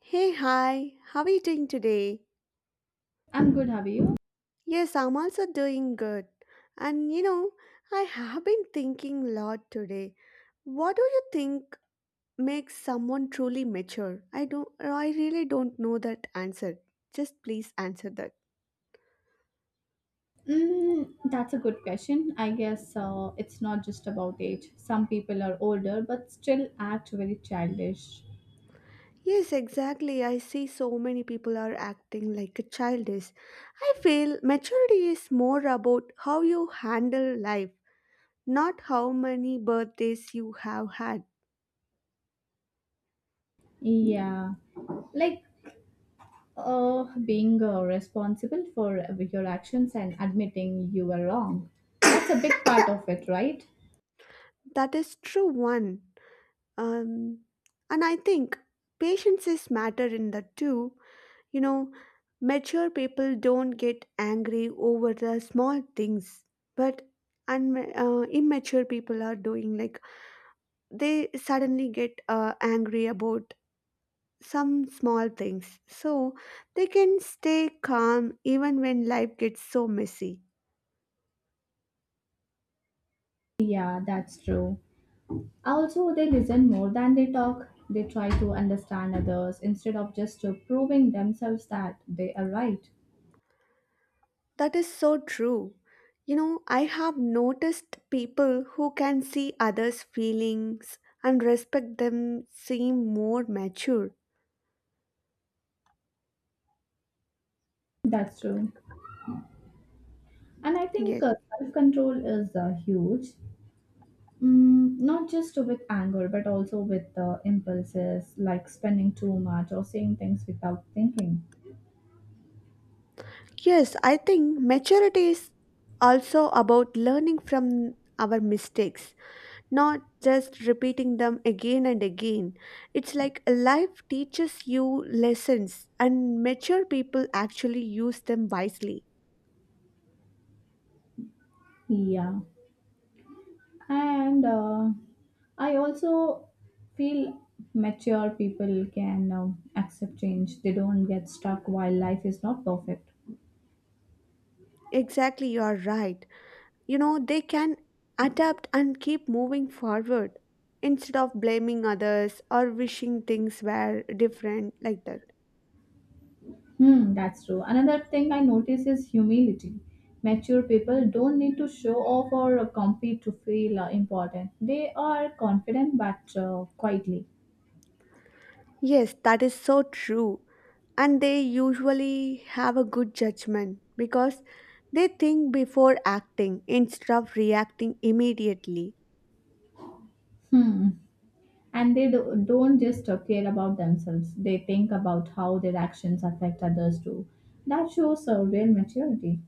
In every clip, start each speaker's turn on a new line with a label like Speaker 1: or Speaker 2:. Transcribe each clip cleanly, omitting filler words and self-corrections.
Speaker 1: Hey, hi, how are you doing today?
Speaker 2: I'm good. How are you?
Speaker 1: Yes, I'm also doing good. And you know, I have been thinking a lot today. What do you think makes someone truly mature? I really don't know that answer. Just please answer that.
Speaker 2: Mm, that's a good question. I guess it's not just about age. Some people are older but still act very childish.
Speaker 1: Yes, exactly. I see so many people are acting like a child is. I feel maturity is more about how you handle life, not how many birthdays you have had.
Speaker 2: Yeah, like being responsible for your actions and admitting you were wrong. That's a big part of it, right?
Speaker 1: That is true one. Um, and I think patience is matter in that too. You know, mature people don't get angry over the small things, but immature people are doing like they suddenly get angry about some small things. So they can stay calm even when life gets so messy.
Speaker 2: Yeah, that's true. Also, they listen more than they talk. They try to understand others instead of just proving themselves that they are right.
Speaker 1: That is so true. You know, I have noticed people who can see others' feelings and respect them seem more mature.
Speaker 2: That's true. And I think
Speaker 1: Yes.
Speaker 2: self control is huge, mm, not just with anger, but also with impulses like spending too much or saying things without thinking.
Speaker 1: Yes, I think maturity is also about learning from our mistakes, not just repeating them again and again. It's like life teaches you lessons, and mature people actually use them wisely.
Speaker 2: Yeah. And I also feel mature people can accept change, they don't get stuck while life is not perfect.
Speaker 1: Exactly, you are right. You know, they can adapt and keep moving forward instead of blaming others or wishing things were different like that.
Speaker 2: Hmm, that's true. Another thing I notice is humility. Mature people don't need to show off or compete to feel important. They are confident but quietly.
Speaker 1: Yes, that is so true, and they usually have a good judgment because they think before acting instead of reacting immediately.
Speaker 2: Hmm. And don't just care about themselves. They think about how their actions affect others too. That shows a real maturity.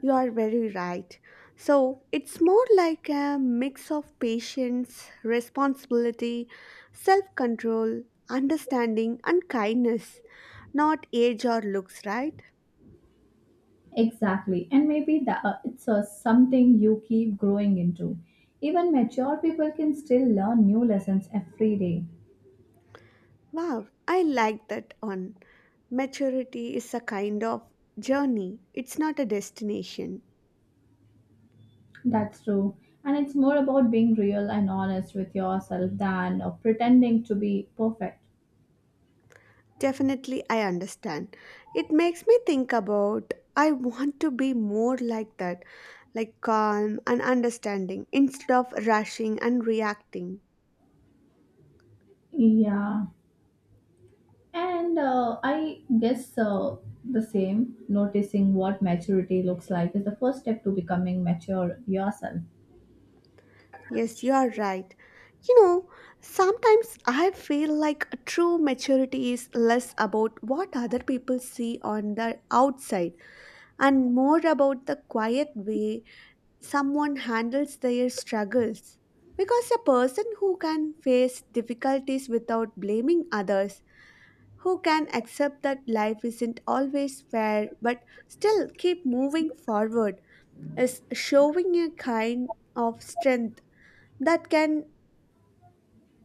Speaker 1: You are very right. So it's more like a mix of patience, responsibility, self control, understanding and kindness. Not age or looks, right?
Speaker 2: Exactly. And maybe that it's something you keep growing into. Even mature people can still learn new lessons every day.
Speaker 1: Wow, I like that one. Maturity is a kind of journey, it's not a destination.
Speaker 2: That's true. And it's more about being real and honest with yourself than pretending to be perfect.
Speaker 1: Definitely, I understand. It makes me think about I want to be more like that, like calm and understanding instead of rushing and reacting.
Speaker 2: Yeah. And I guess the same, noticing what maturity looks like is the first step to becoming mature yourself.
Speaker 1: Yes, you are right. You know, sometimes I feel like a true maturity is less about what other people see on the outside and more about the quiet way someone handles their struggles. Because a person who can face difficulties without blaming others, who can accept that life isn't always fair but still keep moving forward, is showing a kind of strength that can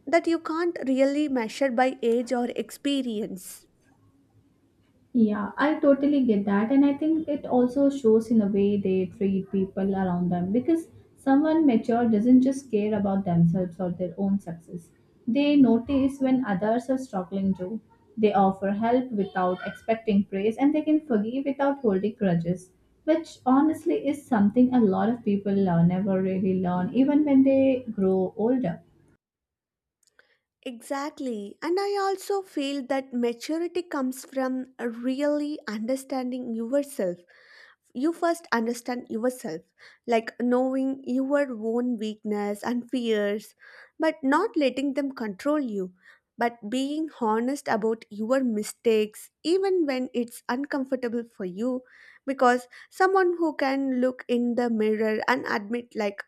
Speaker 1: that you can't really measure by age or experience.
Speaker 2: Yeah, I totally get that. And I think it also shows in the way they treat people around them because someone mature doesn't just care about themselves or their own success. They notice when others are struggling too. They offer help without expecting praise and they can forgive without holding grudges, which honestly is something a lot of people never really learn, even when they grow older.
Speaker 1: Exactly. And I also feel that maturity comes from really understanding yourself. You first understand yourself, like knowing your own weakness and fears, but not letting them control you, but being honest about your mistakes, even when it's uncomfortable for you. Because someone who can look in the mirror and admit, like,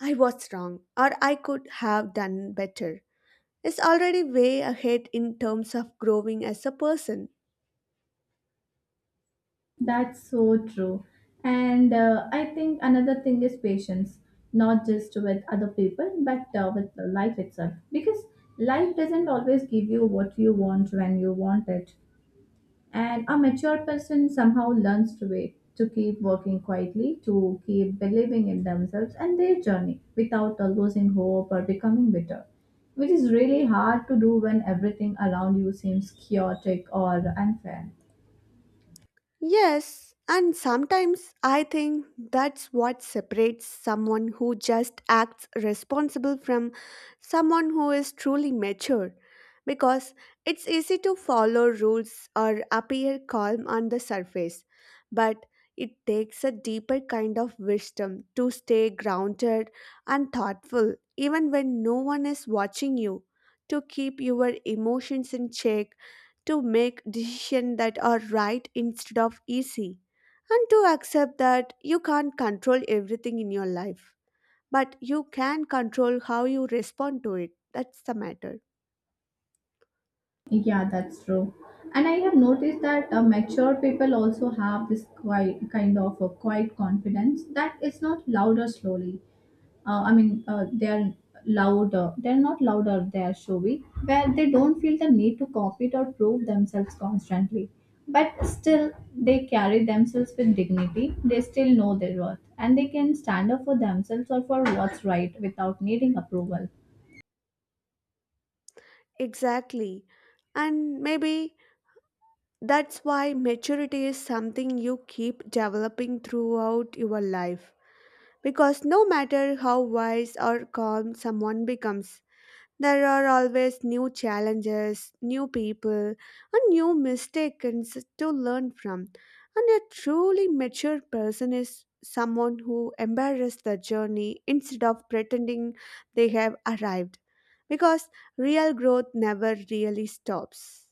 Speaker 1: I was wrong, or I could have done better is already way ahead in terms of growing as a person.
Speaker 2: That's so true. And I think another thing is patience, not just with other people, but with the life itself. Because life doesn't always give you what you want when you want it. And a mature person somehow learns to wait, to keep working quietly, to keep believing in themselves and their journey without losing hope or becoming bitter. Which is really hard to do when everything around you seems chaotic or unfair.
Speaker 1: Yes, and sometimes I think that's what separates someone who just acts responsible from someone who is truly mature. Because it's easy to follow rules or appear calm on the surface, but it takes a deeper kind of wisdom to stay grounded and thoughtful even when no one is watching you, to keep your emotions in check to make decisions that are right instead of easy, and to accept that you can't control everything in your life, but you can control how you respond to it. That's the matter.
Speaker 2: Yeah, that's true. And I have noticed that mature people also have this quiet, kind of a quiet confidence that is not louder slowly. They are louder. They're not louder. They are showy, where they don't feel the need to compete or prove themselves constantly. But still, they carry themselves with dignity. They still know their worth, and they can stand up for themselves or for what's right without needing approval.
Speaker 1: Exactly. And maybe that's why maturity is something you keep developing throughout your life. Because no matter how wise or calm someone becomes, there are always new challenges, new people, and new mistakes to learn from. And a truly mature person is someone who embraces the journey instead of pretending they have arrived. Because real growth never really stops.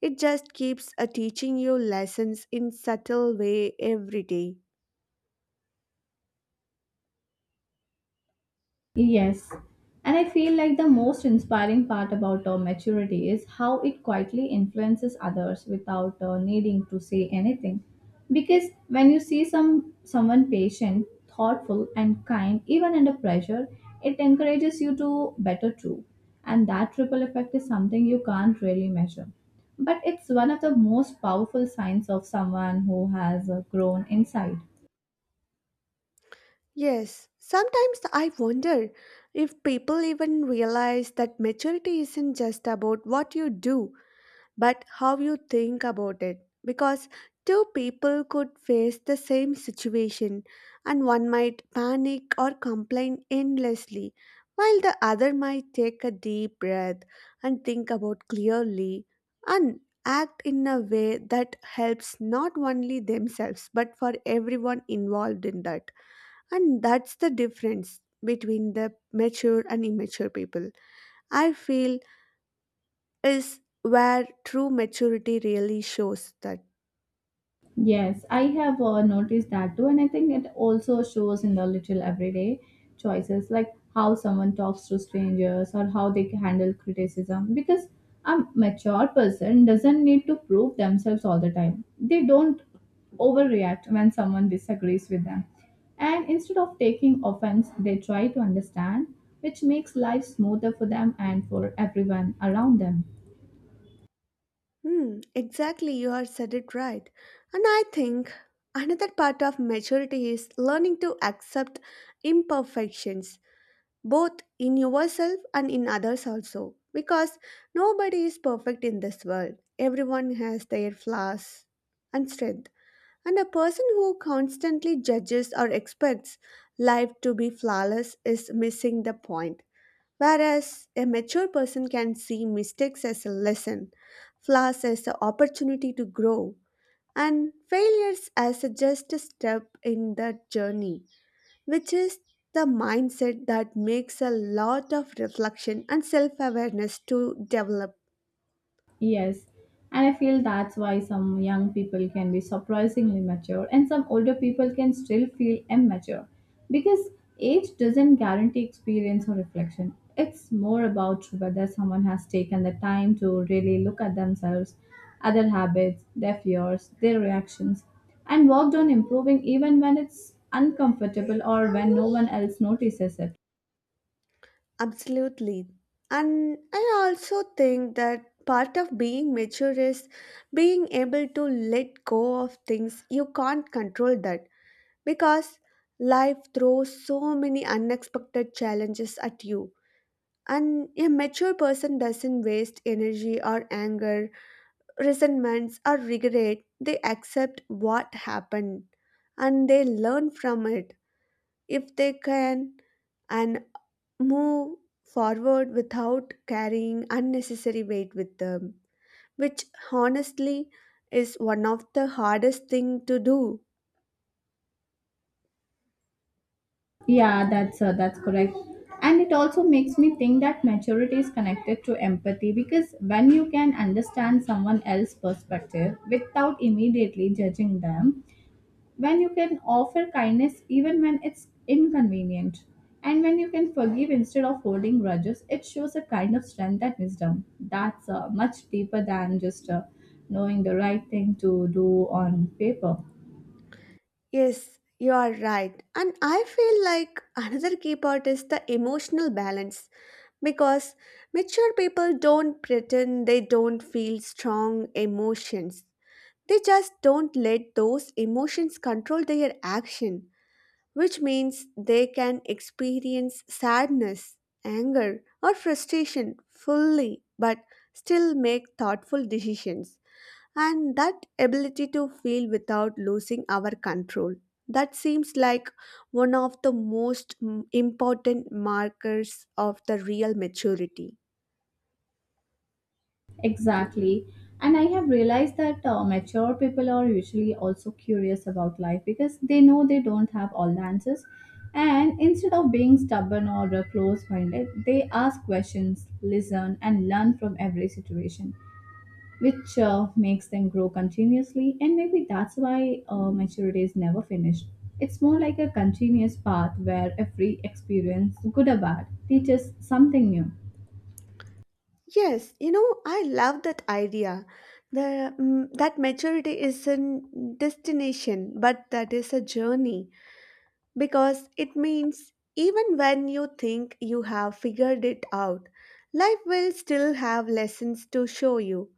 Speaker 1: It just keeps teaching you lessons in subtle way every day.
Speaker 2: Yes. And I feel like the most inspiring part about maturity is how it quietly influences others without needing to say anything. Because when you see someone patient, thoughtful and kind even under pressure, it encourages you to better too. And that triple effect is something you can't really measure. But it's one of the most powerful signs of someone who has grown inside.
Speaker 1: Yes, sometimes I wonder if people even realize that maturity isn't just about what you do, but how you think about it. Because two people could face the same situation, and one might panic or complain endlessly, while the other might take a deep breath and think about clearly and act in a way that helps not only themselves but for everyone involved in that. And that's the difference between the mature and immature people. I feel is where true maturity really shows that.
Speaker 2: Yes, I have noticed that too, and I think it also shows in the little everyday choices, like how someone talks to strangers or how they handle criticism. Because a mature person doesn't need to prove themselves all the time. They don't overreact when someone disagrees with them, and instead of taking offense, they try to understand, which makes life smoother for them and for everyone around them.
Speaker 1: Hmm, exactly, you have said it right. And I think another part of maturity is learning to accept imperfections, both in yourself and in others also. Because nobody is perfect in this world, everyone has their flaws and strength. And a person who constantly judges or expects life to be flawless is missing the point. Whereas a mature person can see mistakes as a lesson, flaws as an opportunity to grow, and failures as a just a step in that journey, which is the mindset that makes a lot of reflection and self awareness to develop.
Speaker 2: Yes, and I feel that's why some young people can be surprisingly mature and some older people can still feel immature because age doesn't guarantee experience or reflection. It's more about whether someone has taken the time to really look at themselves, other habits, their fears, their reactions, and worked on improving even when it's uncomfortable or when no one else notices it.
Speaker 1: Absolutely. And I also think that part of being mature is being able to let go of things you can't control that because life throws so many unexpected challenges at you. And a mature person doesn't waste energy or anger, resentments, or regret. They accept what happened and they learn from it if they can and move forward without carrying unnecessary weight with them, which honestly is one of the hardest thing to do.
Speaker 2: Yeah, that's correct. And it also makes me think that maturity is connected to empathy because when you can understand someone else's perspective without immediately judging them, when you can offer kindness even when it's inconvenient, and when you can forgive instead of holding grudges, it shows a kind of strength and wisdom that's much deeper than just knowing the right thing to do on paper.
Speaker 1: Yes, you are right. And I feel like another key part is the emotional balance because mature people don't pretend they don't feel strong emotions. They just don't let those emotions control their action, which means they can experience sadness, anger, or frustration fully but still make thoughtful decisions and that ability to feel without losing our control that seems like one of the most important markers of the real maturity.
Speaker 2: Exactly. And I have realized that mature people are usually also curious about life because they know they don't have all the answers. And instead of being stubborn or close minded, they ask questions, listen, and learn from every situation, which makes them grow continuously. And maybe that's why maturity is never finished. It's more like a continuous path where every experience, good or bad, teaches something new.
Speaker 1: Yes, you know, I love that idea. the that maturity is a destination but that is a journey because it means even when you think you have figured it out, life will still have lessons to show you.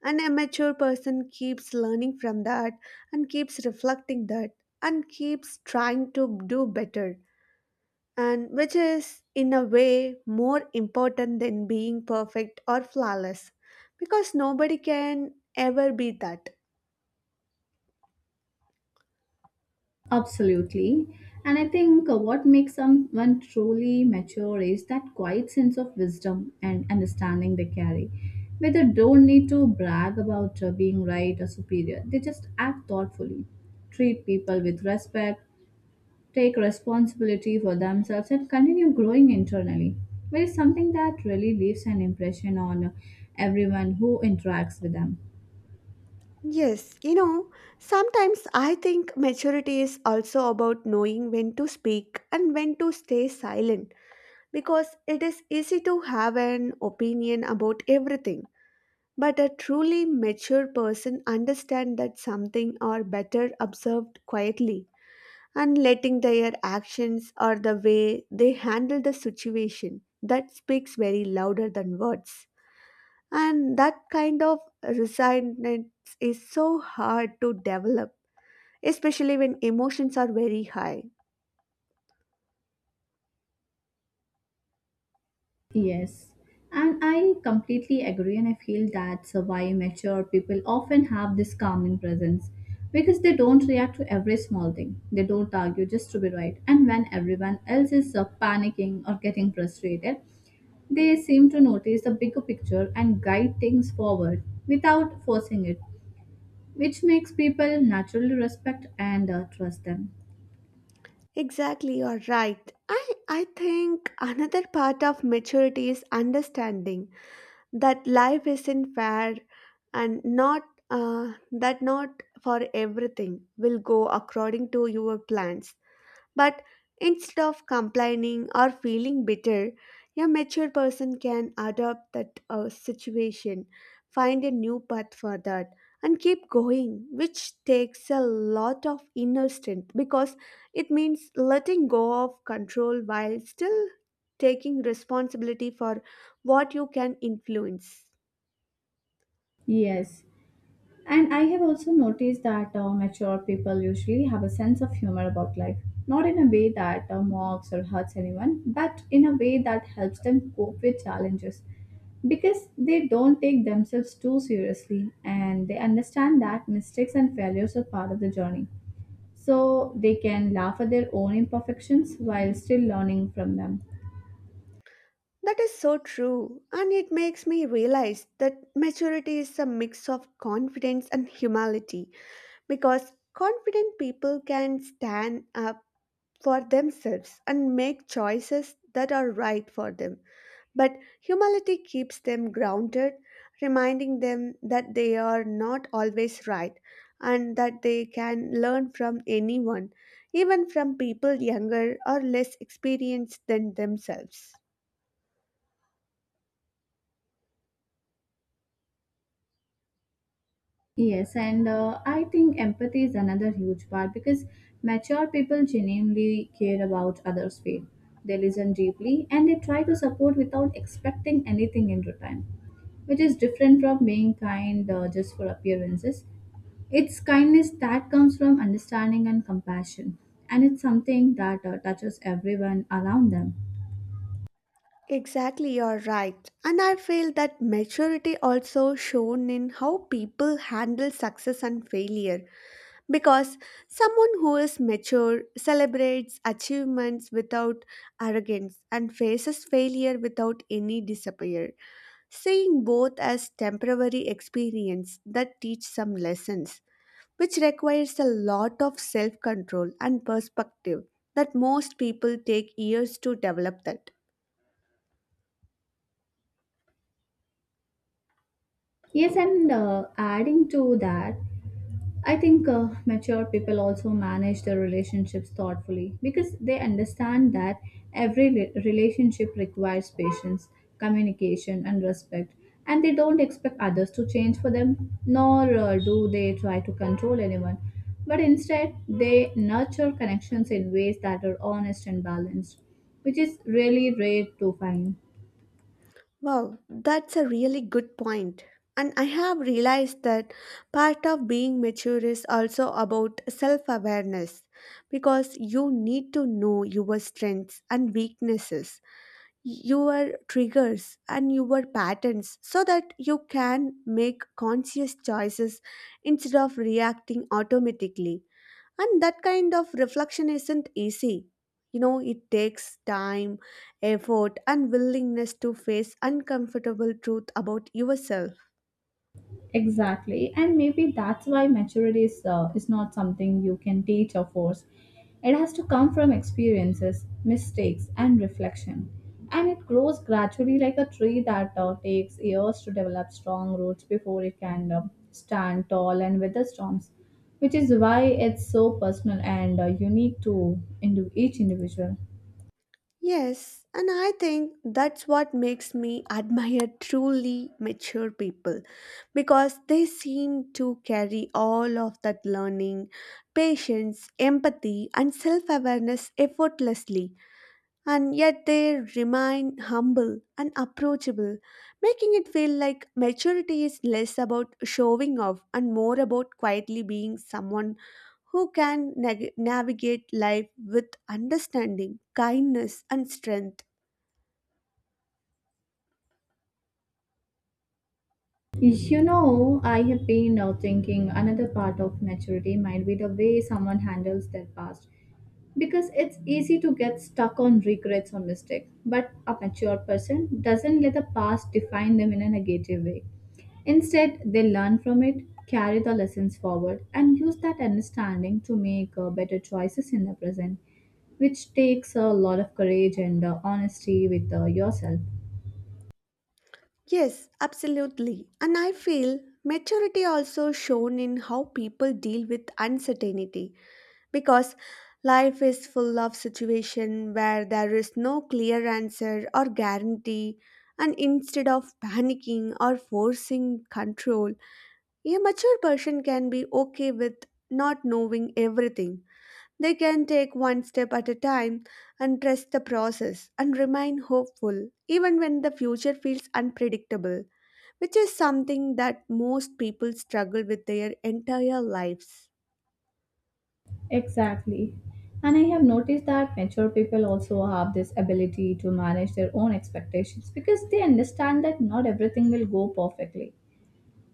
Speaker 1: An immature person keeps learning from that and keeps reflecting that and keeps trying to do better, and which is, in a way, more important than being perfect or flawless because nobody can ever be that.
Speaker 2: Absolutely. And I think what makes someone truly mature is that quiet sense of wisdom and understanding they carry, where they don't need to brag about being right or superior. They just act thoughtfully, treat people with respect, take responsibility for themselves, and continue growing internally, which is something that really leaves an impression on everyone who interacts with them.
Speaker 1: Yes, you know, sometimes I think maturity is also about knowing when to speak and when to stay silent because it is easy to have an opinion about everything. But a truly mature person understands that something are better observed quietly and letting their actions or the way they handle the situation that speaks very louder than words. And that kind of resignment is so hard to develop especially when emotions are very high.
Speaker 2: Yes, and I completely agree, and I feel that's why mature people often have this calming presence because they don't react to every small thing. They don't argue just to be right, and when everyone else is panicking or getting frustrated, they seem to notice the bigger picture and guide things forward without forcing it, which makes people naturally respect and trust them.
Speaker 1: Exactly, you're right. I think another part of maturity is understanding that life isn't fair and not that not for everything will go according to your plans. But instead of complaining or feeling bitter, a mature person can adapt that situation, find a new path for that, and keep going, which takes a lot of inner strength because it means letting go of control while still taking responsibility for what you can influence.
Speaker 2: Yes, and I have also noticed that mature people usually have a sense of humor about life, not in a way that mocks or hurts anyone, but in a way that helps them cope with challenges because they don't take themselves too seriously and they understand that mistakes and failures are part of the journey. So they can laugh at their own imperfections while still learning from them.
Speaker 1: That is so true, and it makes me realize that maturity is a mix of confidence and humility because confident people can stand up for themselves and make choices that are right for them. But humility keeps them grounded, reminding them that they are not always right and that they can learn from anyone, even from people younger or less experienced than themselves.
Speaker 2: Yes, and I think empathy is another huge part because mature people genuinely care about others' pain. They listen deeply and they try to support without expecting anything in return, which is different from being kind just for appearances. It's kindness that comes from understanding and compassion, and it's something that touches everyone around them.
Speaker 1: Exactly, you're right. And I feel that maturity also shown in how people handle success and failure because someone who is mature celebrates achievements without arrogance and faces failure without any despair, seeing both as temporary experience that teach some lessons, which requires a lot of self-control and perspective that most people take years to develop that.
Speaker 2: Yes, and adding to that, I think mature people also manage their relationships thoughtfully because they understand that every relationship requires patience, communication, and respect, and they don't expect others to change for them, nor do they try to control anyone. But instead, they nurture connections in ways that are honest and balanced, which is really rare to find.
Speaker 1: Wow, that's a really good point. And I have realized that part of being mature is also about self awareness because you need to know your strengths and weaknesses, your triggers, and your patterns so that you can make conscious choices instead of reacting automatically. And that kind of reflection isn't easy. You know, it takes time, effort, and willingness to face uncomfortable truth about yourself.
Speaker 2: Exactly, and maybe that's why maturity is not something you can teach or force. It has to come from experiences, mistakes, and reflection. And it grows gradually like a tree that takes years to develop strong roots before it can stand tall and weather storms, which is why it's so personal and unique to each individual.
Speaker 1: Yes, and I think that's what makes me admire truly mature people because they seem to carry all of that learning, patience, empathy, and self awareness effortlessly. And yet they remain humble and approachable, making it feel like maturity is less about showing off and more about quietly being someone who can navigate life with understanding, kindness, and strength.
Speaker 2: You know, I have been thinking another part of maturity might be the way someone handles their past. Because it's easy to get stuck on regrets or mistakes, but a mature person doesn't let the past define them in a negative way. Instead, they learn from it, carry the lessons forward, and use that understanding to make better choices in the present, which takes a lot of courage and honesty with yourself.
Speaker 1: Yes, absolutely. And I feel maturity also shown in how people deal with uncertainty because life is full of situations where there is no clear answer or guarantee and instead of panicking or forcing control a mature person can be okay with not knowing everything, they can take one step at a time and trust the process and remain hopeful even when the future feels unpredictable, which is something that most people struggle with their entire lives.
Speaker 2: Exactly. And I have noticed that mature people also have this ability to manage their own expectations because they understand that not everything will go perfectly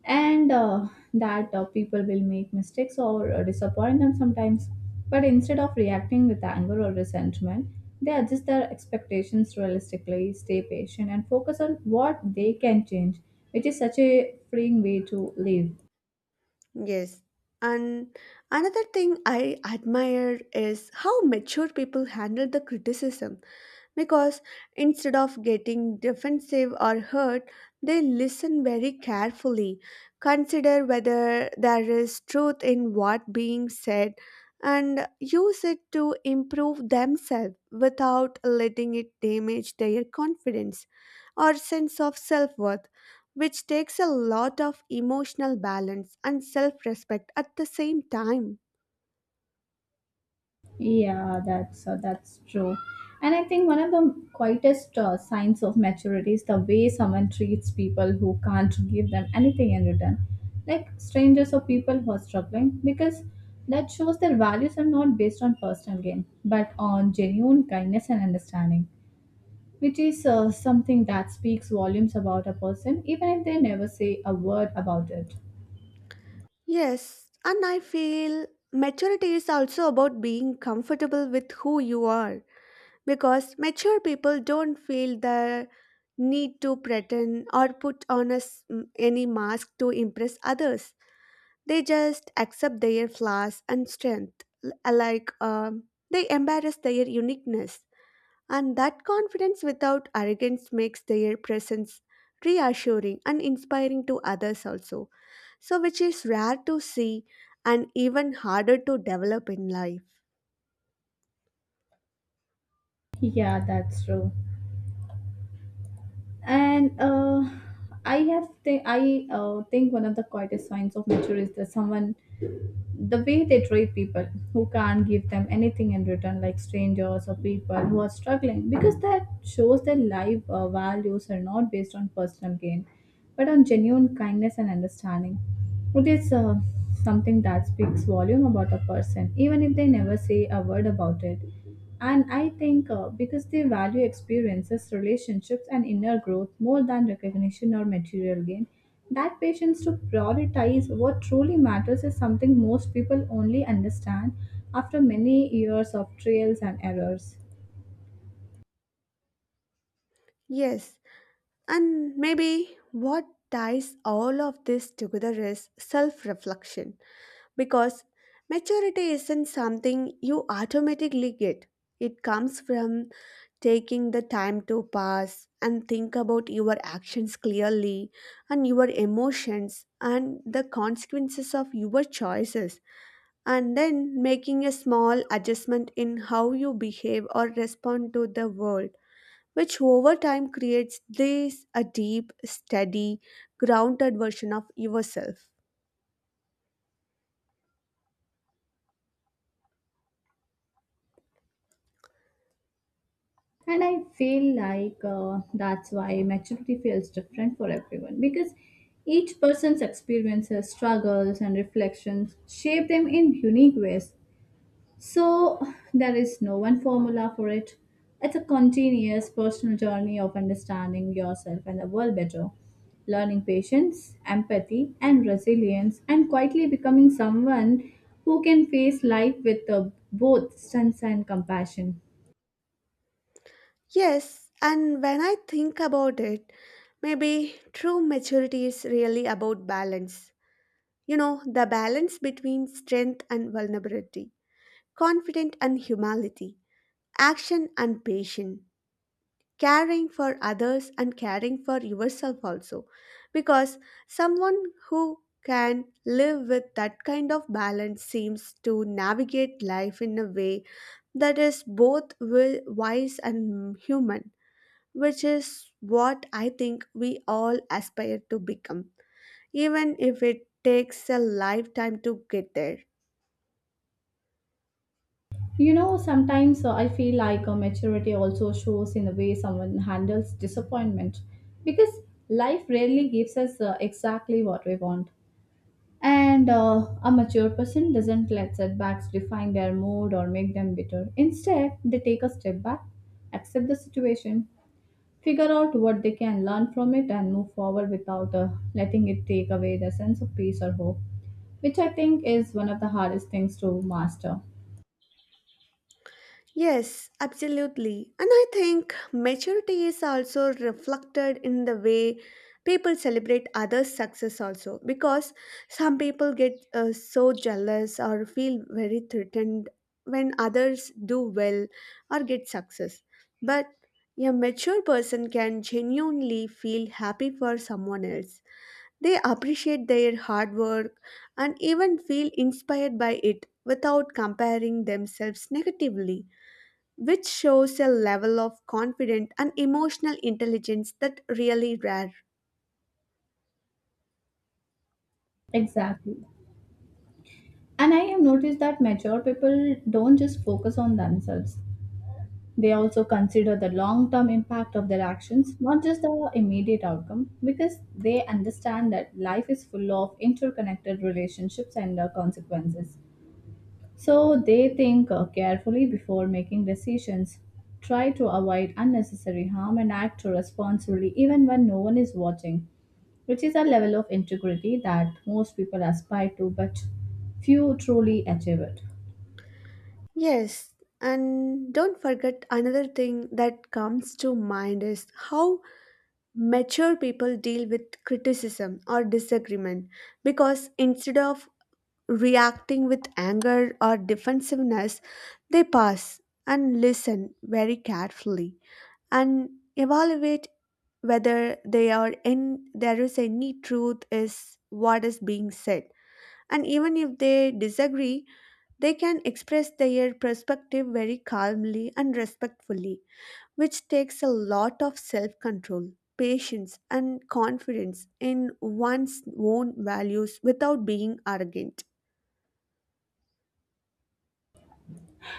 Speaker 2: and that people will make mistakes or disappoint them sometimes. But instead of reacting with anger or resentment, they adjust their expectations realistically, stay patient, and focus on what they can change, which is such a freeing way to live.
Speaker 1: Yes. And another thing I admire is how mature people handle the criticism, because instead of getting defensive or hurt, they listen very carefully, consider whether there is truth in what being said, and use it to improve themselves without letting it damage their confidence or sense of self worth, which takes a lot of emotional balance and self respect at the same time.
Speaker 2: Yeah, that's true. And I think one of the quietest signs of maturity is the way someone treats people who can't give them anything in return, like strangers or people who are struggling, because that shows their values are not based on personal gain, but on genuine kindness and understanding, which is something that speaks volumes about a person, even if they never say a word about it.
Speaker 1: Yes, and I feel maturity is also about being comfortable with who you are, because mature people don't feel the need to pretend or put on a, any mask to impress others. They just accept their flaws and strength, like, they embrace their uniqueness. And that confidence without arrogance makes their presence reassuring and inspiring to others also, so which is rare to see and even harder to develop in life.
Speaker 2: Yeah, that's true. And I think one of the quietest signs of nature is that someone the way they treat people who can't give them anything in return like strangers or people who are struggling because that shows that life values are not based on personal gain but on genuine kindness and understanding. It is something that speaks volume about a person even if they never say a word about it. And I think because they value experiences, relationships, and inner growth more than recognition or material gain, that patience to prioritize what truly matters is something most people only understand after many years of trials and errors.
Speaker 1: Yes, and maybe what ties all of this together is self reflection, because maturity isn't something you automatically get. It comes from taking the time to pause and think about your actions clearly and your emotions and the consequences of your choices, and then making a small adjustment in how you behave or respond to the world, which over time creates this a deep, steady, grounded version of yourself.
Speaker 2: And I feel like that's why maturity feels different for everyone because each person's experiences, struggles, and reflections shape them in unique ways. So, there is no one formula for it. It's a continuous personal journey of understanding yourself and the world better, learning patience, empathy, and resilience, and quietly becoming someone who can face life with both sense and compassion.
Speaker 1: Yes, and when I think about it, maybe true maturity is really about balance. You know, the balance between strength and vulnerability, confidence and humility, action and patience, caring for others and caring for yourself also, because someone who can live with that kind of balance seems to navigate life in a way that is both wise and human, which is what I think we all aspire to become, even if it takes a lifetime to get there.
Speaker 2: You know, sometimes I feel like maturity also shows in the way someone handles disappointment because life rarely gives us exactly what we want. And a mature person doesn't let setbacks define their mood or make them bitter. Instead, they take a step back, accept the situation, figure out what they can learn from it, and move forward without letting it take away their sense of peace or hope, which I think is one of the hardest things to master.
Speaker 1: Yes, absolutely. And I think maturity is also reflected in the way people celebrate others' success, also, because some people get so jealous or feel very threatened when others do well or get success. But a mature person can genuinely feel happy for someone else. They appreciate their hard work and even feel inspired by it without comparing themselves negatively, which shows a level of confidence and emotional intelligence that really rare.
Speaker 2: Exactly. And I have noticed that mature people don't just focus on themselves. They also consider the long term impact of their actions, not just the immediate outcome, because they understand that life is full of interconnected relationships and consequences. So they think carefully before making decisions, try to avoid unnecessary harm, and act responsibly even when no one is watching, which is a level of integrity that most people aspire to, but few truly achieve it.
Speaker 1: Yes, and don't forget another thing that comes to mind is how mature people deal with criticism or disagreement, because instead of reacting with anger or defensiveness, they pause and listen very carefully, and evaluate whether they are in there is any truth is what is being said, and even if they disagree, they can express their perspective very calmly and respectfully, which takes a lot of self control, patience and confidence in one's own values without being arrogant.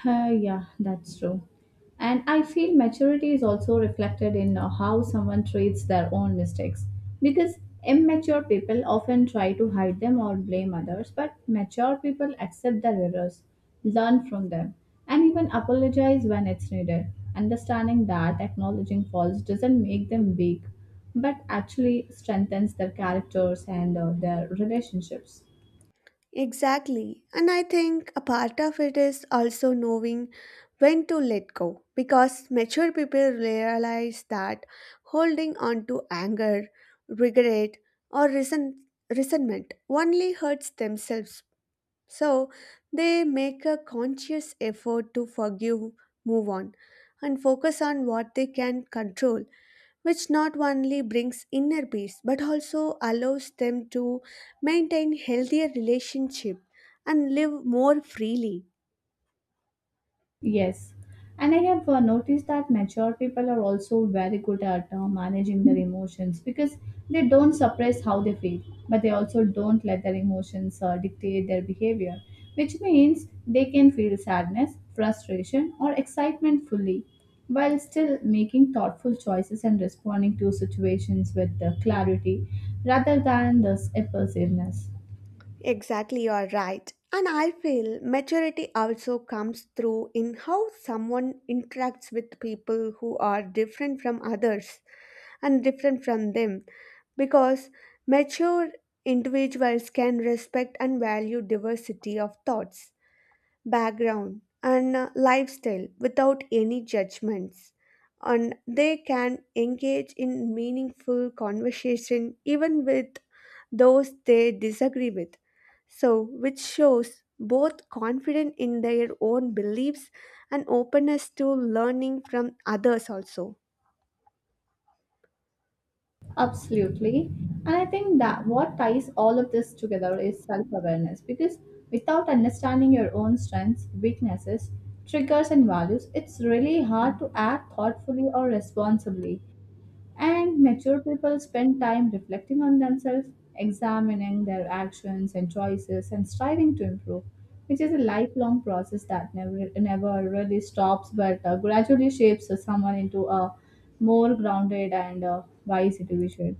Speaker 2: Yeah, that's true. And I feel maturity is also reflected in how someone treats their own mistakes. Because immature people often try to hide them or blame others, but mature people accept their errors, learn from them, and even apologize when it's needed. Understanding that acknowledging faults doesn't make them weak, but actually strengthens their characters and their relationships.
Speaker 1: Exactly. And I think a part of it is also knowing when to let go, because mature people realize that holding on to anger, regret, or resentment only hurts themselves. So they make a conscious effort to forgive, move on, and focus on what they can control, which not only brings inner peace but also allows them to maintain healthier relationship and live more freely.
Speaker 2: Yes, and I have noticed that mature people are also very good at managing their emotions because they don't suppress how they feel, but they also don't let their emotions dictate their behavior, which means they can feel sadness, frustration, or excitement fully while still making thoughtful choices and responding to situations with clarity rather than this impulsiveness.
Speaker 1: Exactly, you are right, and I feel maturity also comes through in how someone interacts with people who are different from others and different from them, because mature individuals can respect and value diversity of thoughts, background and lifestyle without any judgments, and they can engage in meaningful conversation even with those they disagree with, so which shows both confident in their own beliefs and openness to learning from others also.
Speaker 2: Absolutely. And I think that what ties all of this together is self awareness because without understanding your own strengths, weaknesses, triggers, and values, it's really hard to act thoughtfully or responsibly. And mature people spend time reflecting on themselves, examining their actions and choices, and striving to improve, which is a lifelong process that never really stops but gradually shapes someone into a more grounded and wise individual.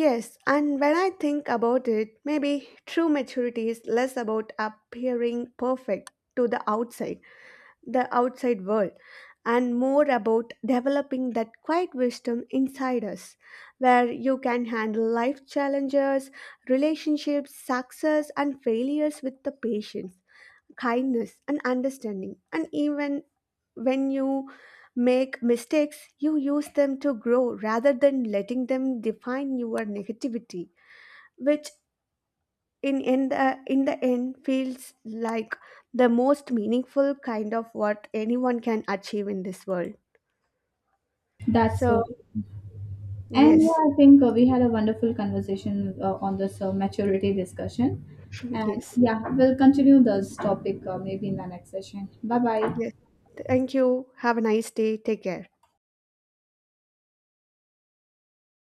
Speaker 1: Yes, and when I think about it, maybe true maturity is less about appearing perfect to the outside world, and more about developing that quiet wisdom inside us, where you can handle life challenges, relationships success and failures with the patience, kindness and understanding, and even when you make mistakes you use them to grow rather than letting them define your negativity, which in the end feels like the most meaningful kind of what anyone can achieve in this world.
Speaker 2: That's
Speaker 1: So
Speaker 2: so true. And yeah,
Speaker 1: yes.
Speaker 2: I think we had a wonderful conversation on this maturity discussion. And
Speaker 1: Yes.
Speaker 2: yeah, we'll continue this topic maybe in the next session. Bye bye.
Speaker 1: Yes, thank you, have a nice day, take care.